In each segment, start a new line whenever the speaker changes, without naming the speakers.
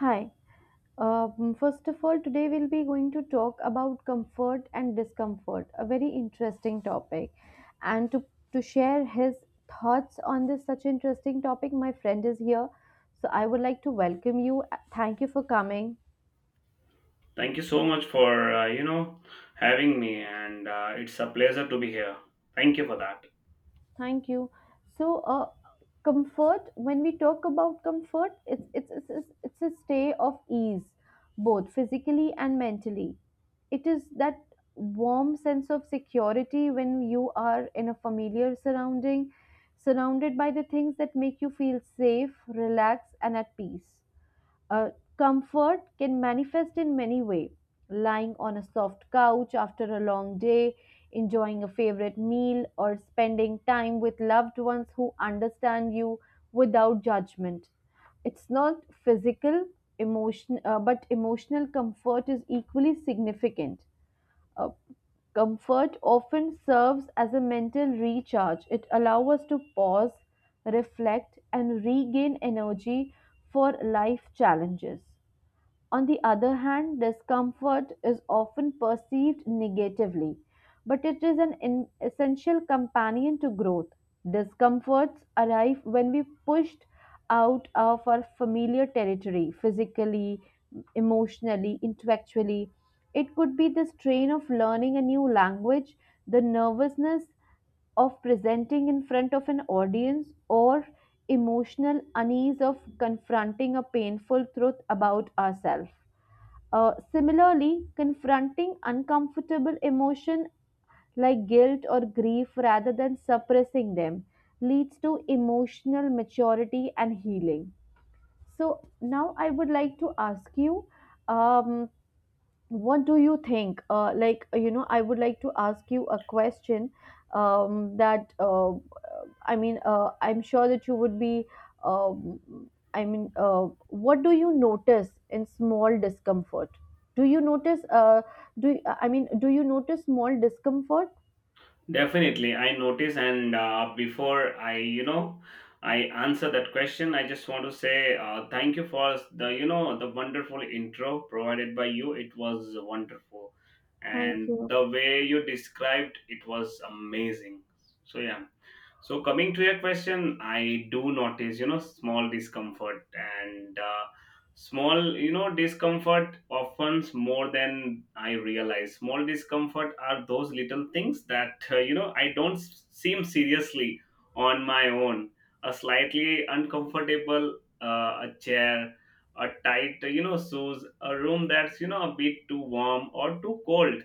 Hi. First of all, today we'll be going to talk about comfort and discomfort, a very interesting topic. And to, to share his thoughts on this such interesting topic, my friend is here. So I would like to welcome you. Thank you for coming.
Thank you so much for having me, and it's a pleasure to be here. Thank you for that.
Thank you. So, uh, Comfort. When we talk about comfort, it's a stay of ease, both physically and mentally. It is that warm sense of security when you are in a familiar surrounding, surrounded by the things that make you feel safe, relaxed, and at peace. Uh, Comfort can manifest in many ways: lying on a soft couch after a long day, enjoying a favorite meal, or spending time with loved ones who understand you without judgment. It's not physical, but emotional comfort is equally significant. Uh, Comfort often serves as a mental recharge. It allows us to pause, reflect, and regain energy for life challenges. On the other hand, discomfort is often perceived negatively. But it is an essential companion to growth. Discomforts arrive when we pushed out of our familiar territory physically, emotionally, intellectually. It could be the strain of learning a new language, the nervousness of presenting in front of an audience, or emotional unease of confronting a painful truth about ourselves. Similarly, confronting uncomfortable emotion like guilt or grief rather than suppressing them leads to emotional maturity and healing. So now I would like to ask you, um, what do you think? Like, you know, I would like to ask you a question, that I mean, I'm sure that you would be. Um, I mean, what do you notice in small discomfort? Do you notice? Do I mean? Do you notice small discomfort?
Definitely, I notice, and before I you know I answer that question. I just want to say thank you for the you know the wonderful intro provided by you. It was wonderful,
Thank
and
you.
the way you described it was amazing. So yeah. So coming to your question, I do notice, you know, small discomfort, and small, you know, discomfort often more than I realize. Small discomfort are those little things that, you know, I don't seem seriously on my own. A slightly uncomfortable a chair, a tight, you know, shoes, a room that's, you know, a bit too warm or too cold,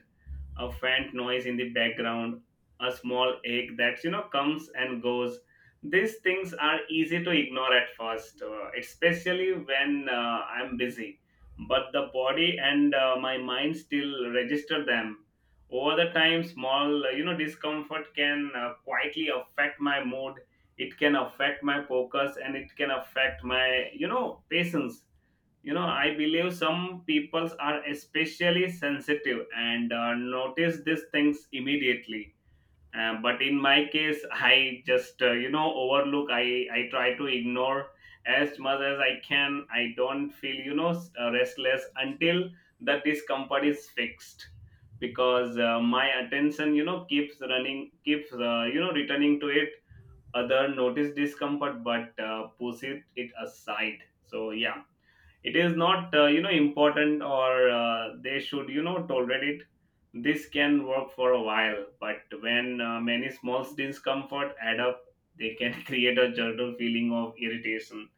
a faint noise in the background, a small ache that you know comes and goes. These things are easy to ignore at first, especially when I'm busy. But the body and my mind still register them. Over the time, small you know discomfort can quietly affect my mood. It can affect my focus, and it can affect my you know patience. You know, I believe some peoples are especially sensitive and notice these things immediately. But in my case I just you know overlook. I try to ignore as much as I can. I don't feel you know restless until the discomfort is fixed, because my attention you know keeps running, keeps you know returning to it. Other notice discomfort but push it aside. So yeah, it is not you know important, or they should you know tolerate it. This can work for a while, but when many small discomfort add up, they can create a general feeling of irritation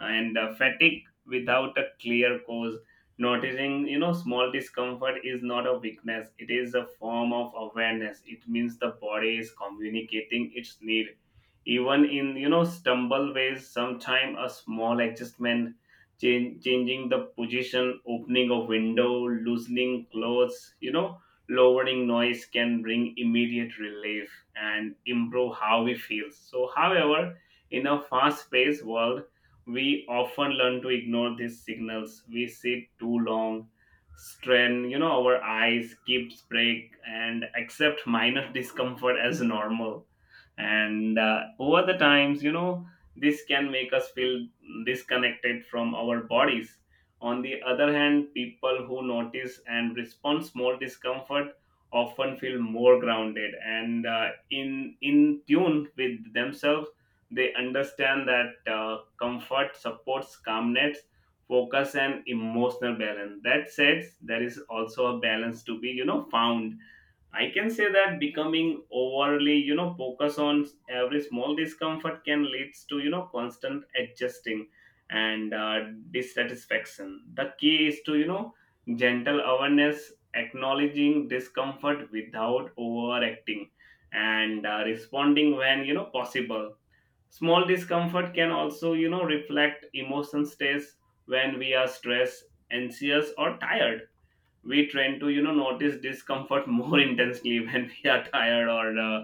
and fatigue without a clear cause. Noticing you know small discomfort is not a weakness. It is a form of awareness. It means the body is communicating its need, even in you know stumble ways. Sometime a small adjustment, changing the position, opening a window, loosening clothes, you know, lowering noise can bring immediate relief and improve how we feel. So however, in a fast paced world, we often learn to ignore these signals. We sit too long, strain, you know, our eyes, keep break, and accept minor discomfort as normal. And over the times, you know, this can make us feel disconnected from our bodies. On the other hand, people who notice and respond small discomfort often feel more grounded and in tune with themselves. They understand that comfort supports calmness, focus, and emotional balance. That said, there is also a balance to be, you know, found. I can say that becoming overly, you know, focus on every small discomfort can leads to, you know, constant adjusting and dissatisfaction. The key is to, you know, gentle awareness, acknowledging discomfort without overacting, and responding when you know possible. Small discomfort can also, you know, reflect emotion states when we are stressed, anxious, or tired. We tend to, you know, notice discomfort more intensely when we are tired or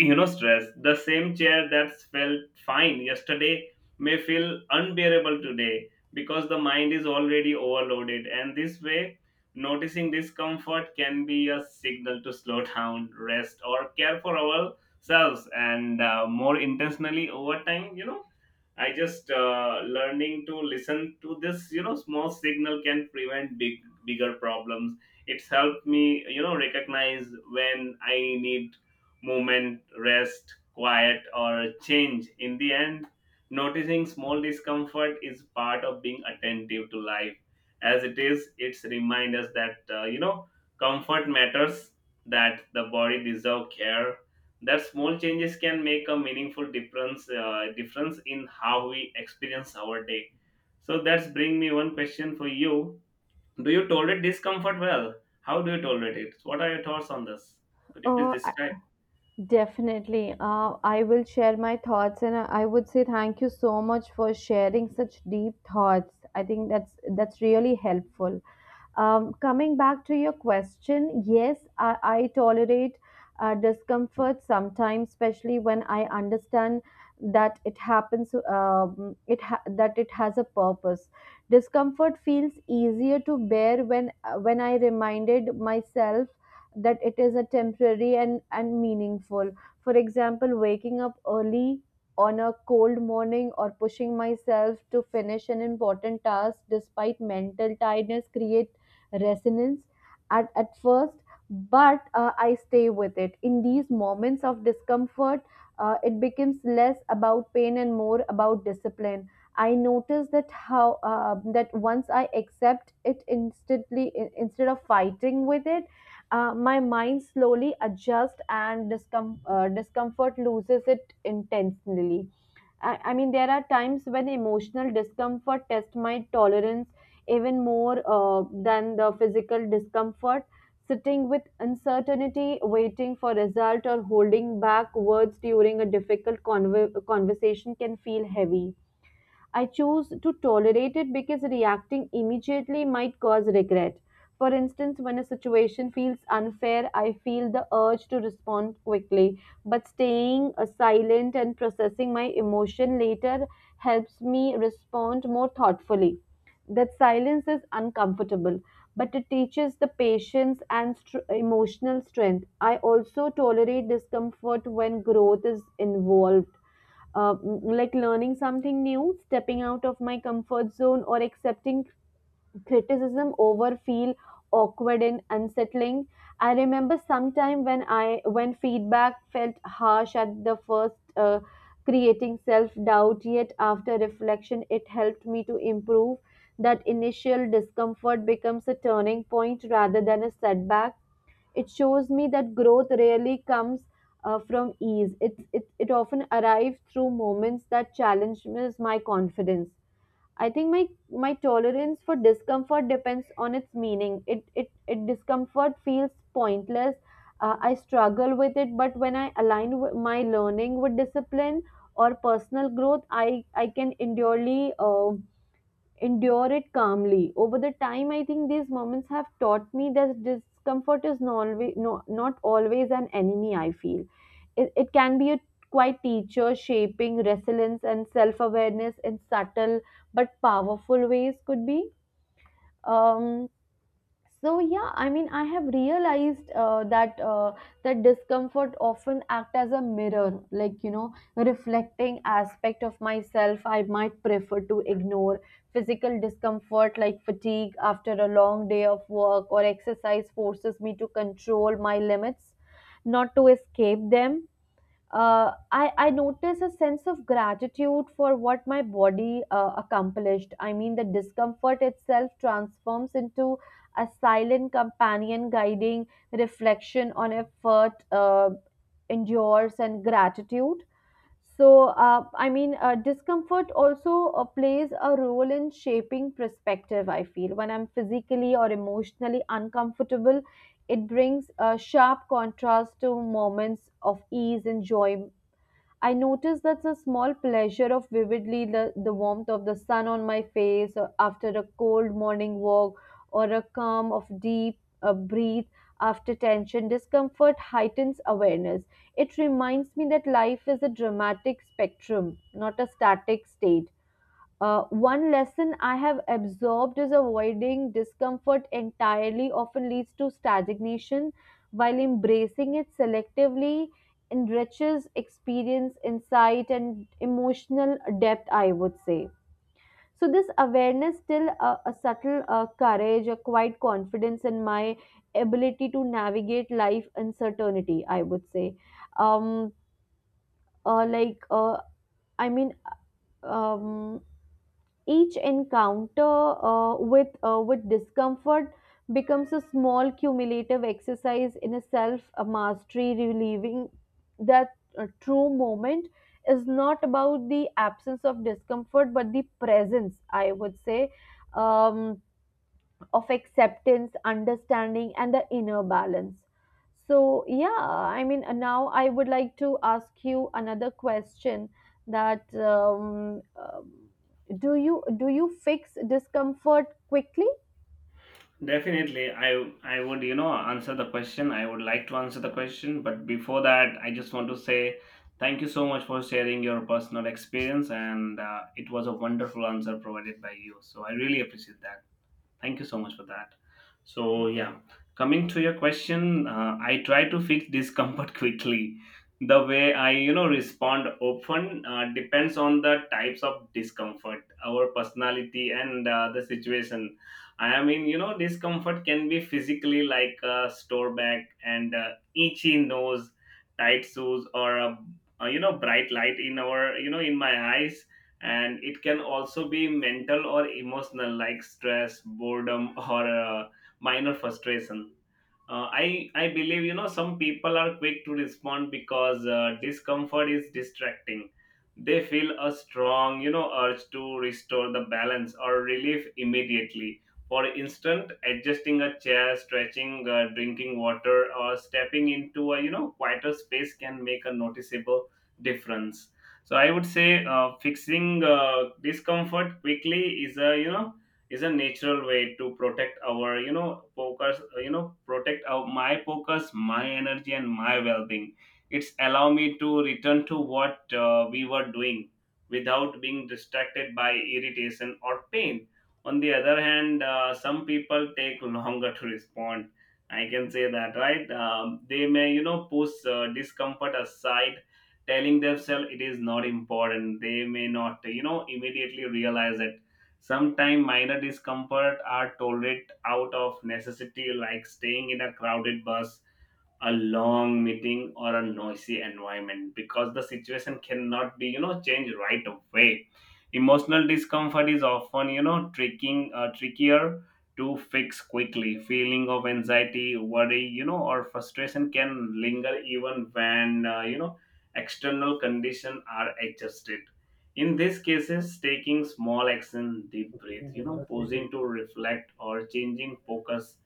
you know stress. The same chair that felt fine yesterday may feel unbearable today, because the mind is already overloaded. And this way, noticing discomfort can be a signal to slow down, rest, or care for ourselves, and more intentionally. Over time, you know, I just learning to listen to this, you know, small signal can prevent bigger problems. It's helped me, you know, recognize when I need movement, rest, quiet, or change. In the end, noticing small discomfort is part of being attentive to life. As it is, it's remind us that you know comfort matters, that the body deserves care, that small changes can make a meaningful difference in how we experience our day. So that's bring me one question for you. Do you tolerate discomfort well? How do you tolerate it? What are your thoughts on this? Could you please
Oh, I-
describe?
definitely. I will share my thoughts, and I would say thank you so much for sharing such deep thoughts. I think that's really helpful. Coming back to your question, yes, I tolerate discomfort sometimes, especially when I understand that it happens, that it has a purpose. Discomfort feels easier to bear when I reminded myself that it is a temporary and meaningful. For example, waking up early on a cold morning or pushing myself to finish an important task despite mental tiredness create resonance at first, but I stay with it. In these moments of discomfort, it becomes less about pain and more about discipline. I notice that how that once I accept it instantly, instead of fighting with it, my mind slowly adjusts and discomfort loses it intentionally. I mean, there are times when emotional discomfort tests my tolerance even more than the physical discomfort. Sitting with uncertainty, waiting for result, or holding back words during a difficult conversation can feel heavy. I choose to tolerate it because reacting immediately might cause regret. For instance, when a situation feels unfair, I feel the urge to respond quickly. But staying silent and processing my emotion later helps me respond more thoughtfully. That silence is uncomfortable, but it teaches the patience and emotional strength. I also tolerate discomfort when growth is involved, like learning something new, stepping out of my comfort zone, or accepting criticism over feel awkward and unsettling. I remember sometime when I when feedback felt harsh at the first, creating self doubt. Yet after reflection, it helped me to improve. That initial discomfort becomes a turning point rather than a setback. It shows me that growth rarely comes from ease. It often arrives through moments that challenges my confidence. I think my tolerance for discomfort depends on its meaning. It discomfort feels pointless. I struggle with it, but when I align my learning with discipline or personal growth, I can endurely. Endure it calmly. Over the time, I think these moments have taught me that discomfort is not always, no, not always an enemy, I feel. It can be a quite teacher, shaping resilience and self awareness in subtle but powerful ways, could be. Um, so yeah, I mean, I have realized that discomfort often act as a mirror, like, you know, reflecting aspect of myself I might prefer to ignore. Physical discomfort like fatigue after a long day of work or exercise forces me to control my limits, not to escape them. I notice a sense of gratitude for what my body accomplished. I mean, the discomfort itself transforms into a silent companion guiding reflection on effort, endures, and gratitude. So, I mean, discomfort also plays a role in shaping perspective. I feel when I'm physically or emotionally uncomfortable, it brings a sharp contrast to moments of ease, enjoyment. I notice that's a small pleasure of vividly the warmth of the sun on my face or after a cold morning walk, or a calm of deep breath after tension. Discomfort heightens awareness. It reminds me that life is a dramatic spectrum, not a static state. One lesson I have absorbed is avoiding discomfort entirely often leads to stagnation, while embracing it selectively enriches experience, insight, and emotional depth, I would say. So, this awareness, still a subtle courage, a quiet confidence in my ability to navigate life uncertainty, I would say. Um, uh, like, uh, I mean, um, each encounter with discomfort becomes a small cumulative exercise in a self mastery, relieving that true moment is not about the absence of discomfort but the presence, I would say, um, of acceptance, understanding, and the inner balance. So, yeah, I mean, now I would like to ask you another question, that do you fix discomfort quickly?
Definitely. I would you know answer the question I would like to answer the question, but before that I just want to say thank you so much for sharing your personal experience, and it was a wonderful answer provided by you, so I really appreciate that. Thank you so much for that. So yeah, coming to your question, I try to fix discomfort quickly. The way I, you know, respond often depends on the types of discomfort, our personality, and the situation. I mean, you know, discomfort can be physically, like a store back and itchy nose, tight shoes, or a you know bright light in our you know in my eyes. And it can also be mental or emotional, like stress, boredom, or minor frustration. Uh, i i believe you know some people are quick to respond, because discomfort is distracting. They feel a strong you know urge to restore the balance or relief immediately. For instance, adjusting a chair, stretching, drinking water, or stepping into a you know quieter space can make a noticeable difference. So I would say fixing discomfort quickly is a natural way to protect our you know focus, my focus, my energy, and my well-being. It's allow me to return to what we were doing without being distracted by irritation or pain. On the other hand, some people take longer to respond, I can say that. Right, they may you know push discomfort aside, telling themselves it is not important. They may not you know immediately realize it. Sometimes minor discomfort are tolerated out of necessity, like staying in a crowded bus, a long meeting, or a noisy environment, because the situation cannot be you know changed right away. Emotional discomfort is often you know tricking trickier to fix quickly. Feeling of anxiety, worry, you know, or frustration can linger even when you know external conditions are adjusted. In these cases, taking small action, deep breath, you know, pausing to reflect or changing focus,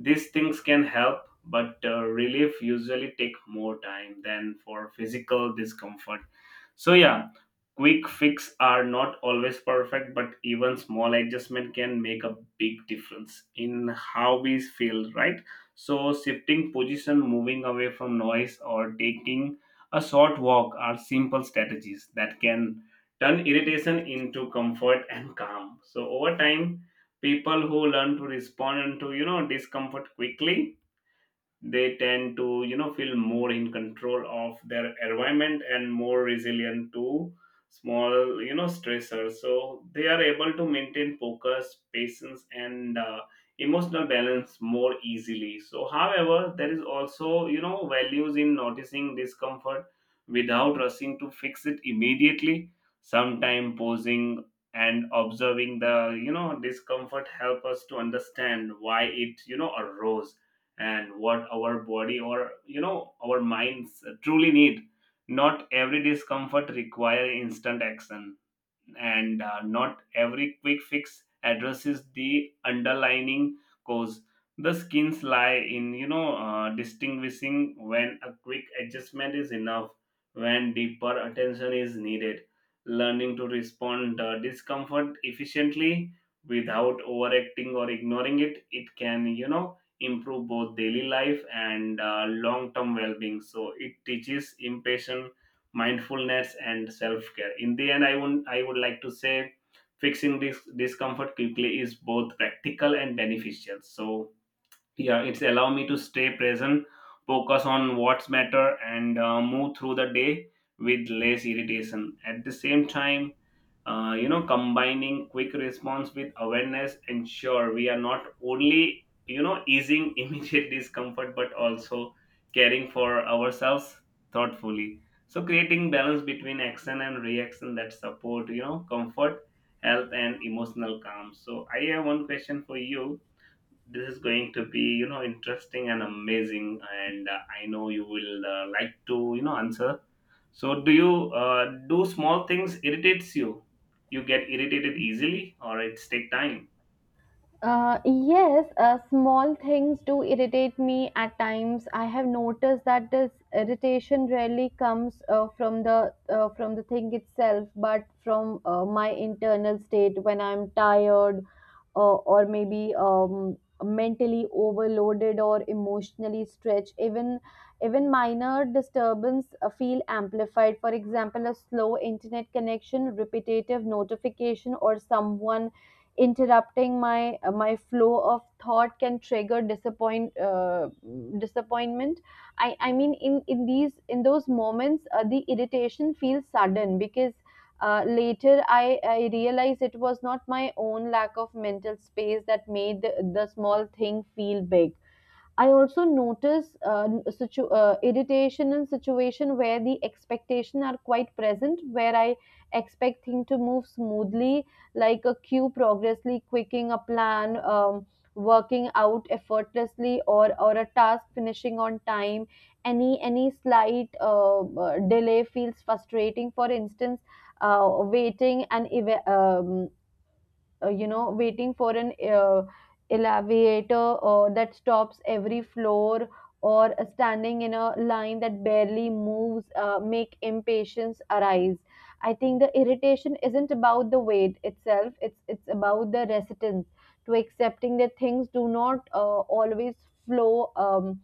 these things can help. But relief usually take more time than for physical discomfort. So yeah, quick fix are not always perfect, but even small adjustment can make a big difference in how we feel, right? So shifting position, moving away from noise, or taking a short walk are simple strategies that can turn irritation into comfort and calm. So over time, people who learn to respond to you know discomfort quickly, they tend to you know feel more in control of their environment and more resilient to small you know stressors. So they are able to maintain focus, patience, and emotional balance more easily. So however, there is also you know values in noticing discomfort without rushing to fix it immediately. Sometime pausing and observing the you know discomfort help us to understand why it you know arose, and what our body or you know our minds truly need. Not every discomfort require instant action, and not every quick fix addresses the underlying cause. The skins lie in distinguishing when a quick adjustment is enough, when deeper attention is needed. Learning to respond discomfort efficiently without overacting or ignoring it can you know improve both daily life and long term well being. So it teaches impatience, mindfulness, and self-care. In the end, I would like to say fixing this discomfort quickly is both practical and beneficial. So yeah, it's allow me to stay present, focus on what's matter, and move through the day with less irritation. At the same time, you know combining quick response with awareness ensure we are not only you know easing immediate discomfort but also caring for ourselves thoughtfully, so creating balance between action and reaction that support you know comfort, health, and emotional calm. So I have one question for you. This is going to be you know interesting and amazing, and I know you will like to you know answer. So do you do small things irritates you? You get irritated easily, or it's take time?
Yes, small things do irritate me at times. I have noticed that this irritation rarely comes from the thing itself, but from my internal state when I'm tired, or maybe mentally overloaded or emotionally stretched. Even minor disturbance feel amplified. For example, a slow internet connection, repetitive notification, or someone interrupting my flow of thought can trigger disappointment. I mean, in those moments, the irritation feels sudden, because later, I realized it was not my own lack of mental space that made the small thing feel big. I also notice irritation in situation where the expectation are quite present, where I expect things to move smoothly, like a queue progressively quicking a plan, working out effortlessly, or a task finishing on time. Any slight delay feels frustrating. For instance, uh, waiting and eva- um you know, waiting for an elevator that stops every floor, or standing in a line that barely moves make impatience arise. I think the irritation isn't about the wait itself. It's about the resistance to accepting that things do not always flow um,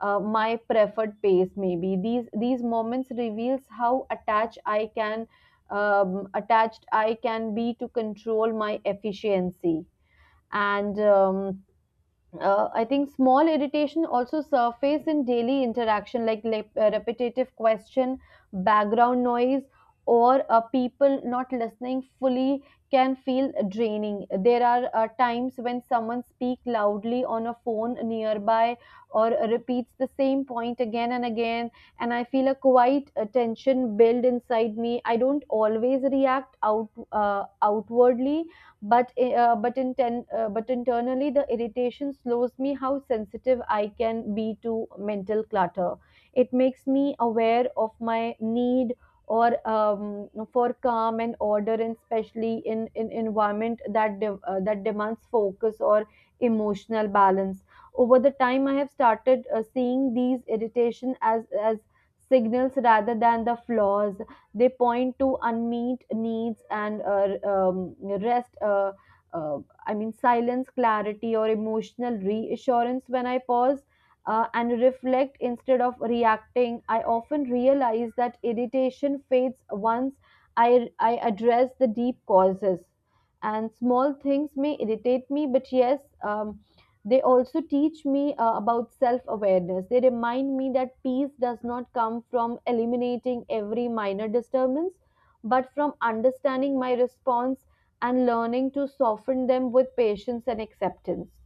uh, my preferred pace. Maybe these moments reveals how attached I can be to control my efficiency. And I think small irritation also surface in daily interaction, like repetitive question, background noise, or people not listening fully can feel draining. There are times when someone speaks loudly on a phone nearby or repeats the same point again and again, and I feel a quiet tension build inside me. I don't always react outwardly, but but internally the irritation slows me how sensitive I can be to mental clutter. It makes me aware of my need or for calm and order, and especially in environment that that demands focus or emotional balance. Over the time, I have started seeing these irritation as signals rather than the flaws. They point to unmet needs and, rest. Uh, I mean, silence, clarity, or emotional reassurance. When I pause and reflect instead of reacting, I often realize that irritation fades once I address the deep causes. And small things may irritate me, but yes, they also teach me about self awareness. They remind me that peace does not come from eliminating every minor disturbance, but from understanding my response and learning to soften them with patience and acceptance.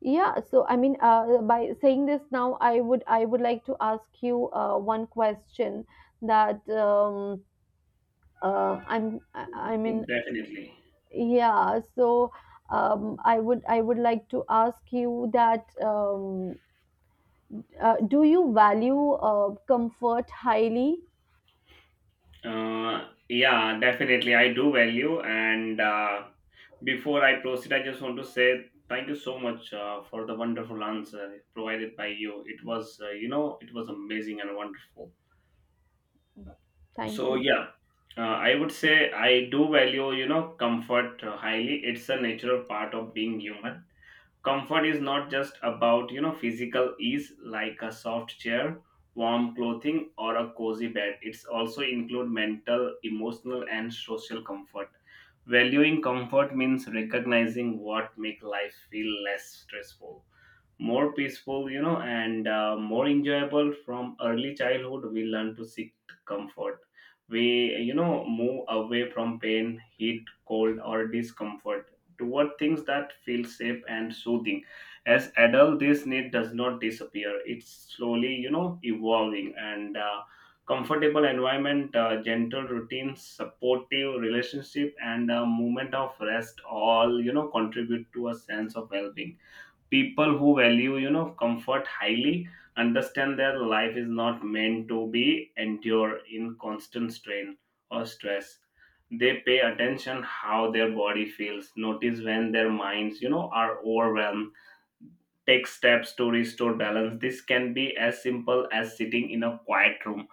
Yeah, so I mean, by saying this now, I would like to ask you one question, that I'm I mean,
Definitely.
yeah, so I would like to ask you that, do you value comfort highly?
Yeah, definitely I do value, and before I proceed, I just want to say thank you so much for the wonderful answer provided by you. It was you know it was amazing and wonderful.
Thank
So
you.
yeah, I would say I do value you know comfort highly. It's a natural part of being human. Comfort is not just about you know physical ease, like a soft chair, warm clothing, or a cozy bed. It's also include mental, emotional, and social comfort. Valuing comfort means recognizing what make life feel less stressful, more peaceful, and more enjoyable from early childhood. We learn to seek comfort. We, move away from pain, heat, cold, or discomfort toward things that feel safe and soothing. As adult, this need does not disappear. It's slowly, evolving, and comfortable environment, gentle routines, supportive relationship, and a moment of rest all, contribute to a sense of well-being. People who value comfort highly understand their life is not meant to be endure in constant strain or stress. They pay attention how their body feels, notice when their minds are overwhelmed, take steps to restore balance. This can be as simple as sitting in a quiet room,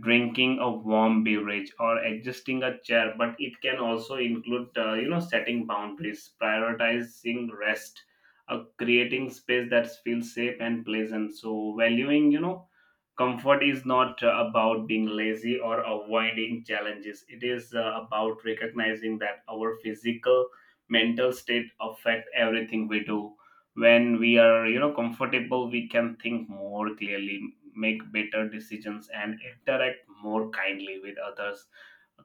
drinking a warm beverage, or adjusting a chair, but it can also include, setting boundaries, prioritizing rest, creating space that feels safe and pleasant. So, valuing, comfort is not about being lazy or avoiding challenges. It is about recognizing that our physical mental state affect everything we do. When we are comfortable, we can think more clearly, make better decisions, and interact more kindly with others.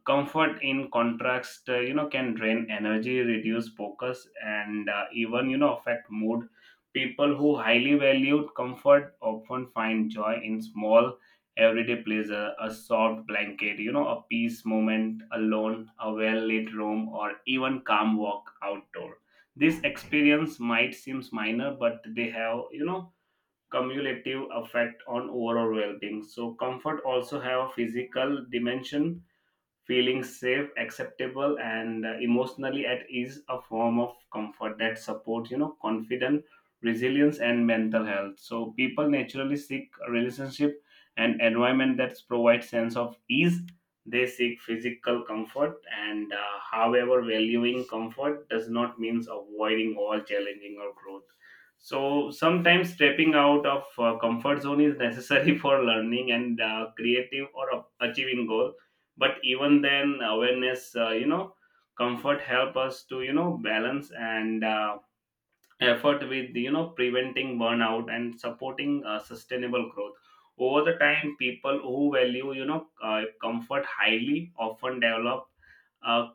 Comfort, in contrast, can drain energy, reduce focus, and even affect mood. People who highly valued comfort often find joy in small everyday pleasure, a soft blanket, a peace moment alone, a well-lit room, or even calm walk outdoor. This experience might seem minor, but they have, cumulative effect on overall well-being. So comfort also have a physical dimension. Feeling safe, acceptable, and emotionally at ease, a form of comfort that supports, confidence, resilience, and mental health. So people naturally seek a relationship and environment that provides sense of ease. They seek physical comfort, and however, valuing comfort does not mean avoiding all challenging or growth. So sometimes stepping out of comfort zone is necessary for learning and creative, or achieving goal. But even then awareness, comfort help us to balance, and effort with, preventing burnout and supporting sustainable growth. Over the time, people who value comfort highly often develop a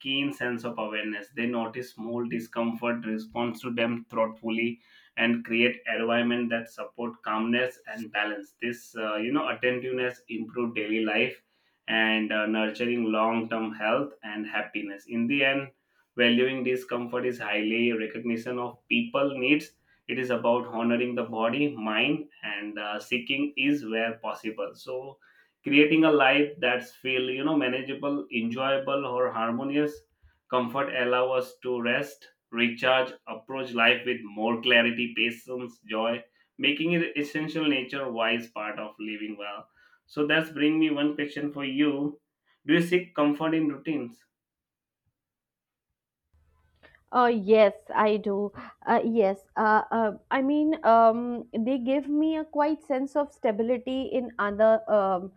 keen sense of awareness. They notice small discomfort, responds to them thoughtfully, and create environment that support calmness and balance. This, attentiveness improve daily life, and nurturing long term health and happiness. In the end, valuing discomfort is highly recognition of people needs. It is about honoring the body, mind, and seeking is where possible. So, creating a life that's feel, manageable, enjoyable, or harmonious. Comfort allow us to rest, recharge, approach life with more clarity, patience, joy, making it essential nature wise part of living well. So that's bring me one question for you. Do you seek comfort in routines?
Yes, I do. Yes, I mean, they give me a quite sense of stability in other um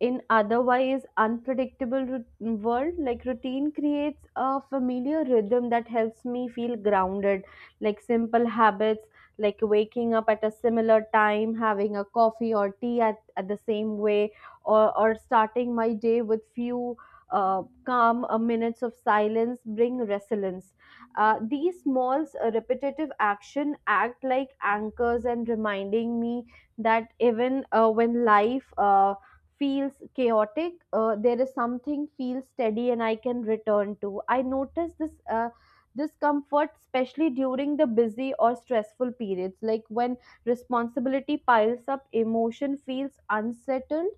in otherwise unpredictable world. Like, routine creates a familiar rhythm that helps me feel grounded, like simple habits, like waking up at a similar time, having a coffee or tea at the same way, or starting my day with few calm minutes of silence, bring resilience. These small repetitive action act like anchors, and reminding me that even when life feels chaotic, there is something feels steady and I can return to. I notice this discomfort especially during the busy or stressful periods, like when responsibility piles up, emotion feels unsettled.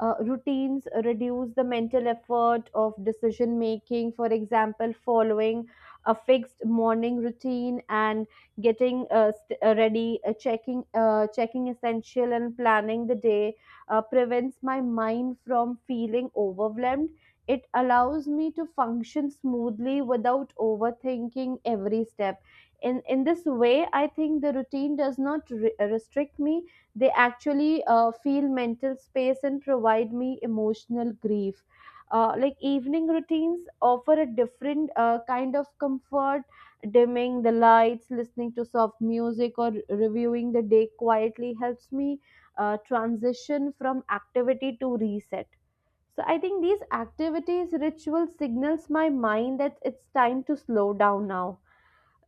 Routines reduce the mental effort of decision making. For example, following a fixed morning routine and getting ready, checking essential, and planning the day prevents my mind from feeling overwhelmed. It allows me to function smoothly without overthinking every step. In this way, I think the routine does not restrict me. They actually feel mental space and provide me emotional grief. Like, evening routines offer a different kind of comfort: dimming the lights, listening to soft music, or reviewing the day quietly helps me transition from activity to reset. So I think these activities ritual signals my mind that it's time to slow down now.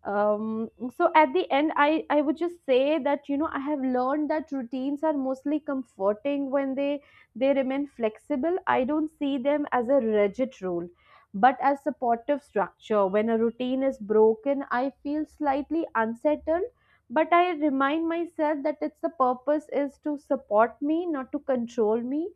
um, so at the end, I would just say that, you know, I have learned that routines are mostly comforting when they remain flexible. I don't see them as a rigid rule, but as supportive structure. When a routine is broken, I feel slightly unsettled, but I remind myself that its the purpose is to support me, not to control me.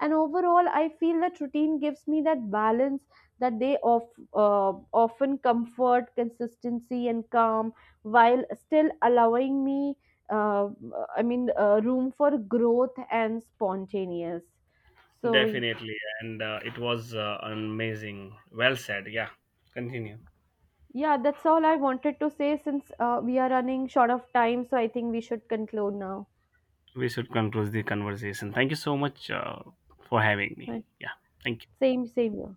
And overall, I feel that routine gives me that balance, that they of, often comfort, consistency, and calm, while still allowing me, uh, I mean, room for growth and spontaneous. So, y-
Definitely, and it was amazing. Well said. Yeah, continue.
yeah, that's all I wanted to say, since we are running short of time. So, I think we should conclude now.
We should conclude the conversation. Thank you so much, for having
Right.
me. Yeah, thank you.
Same, same.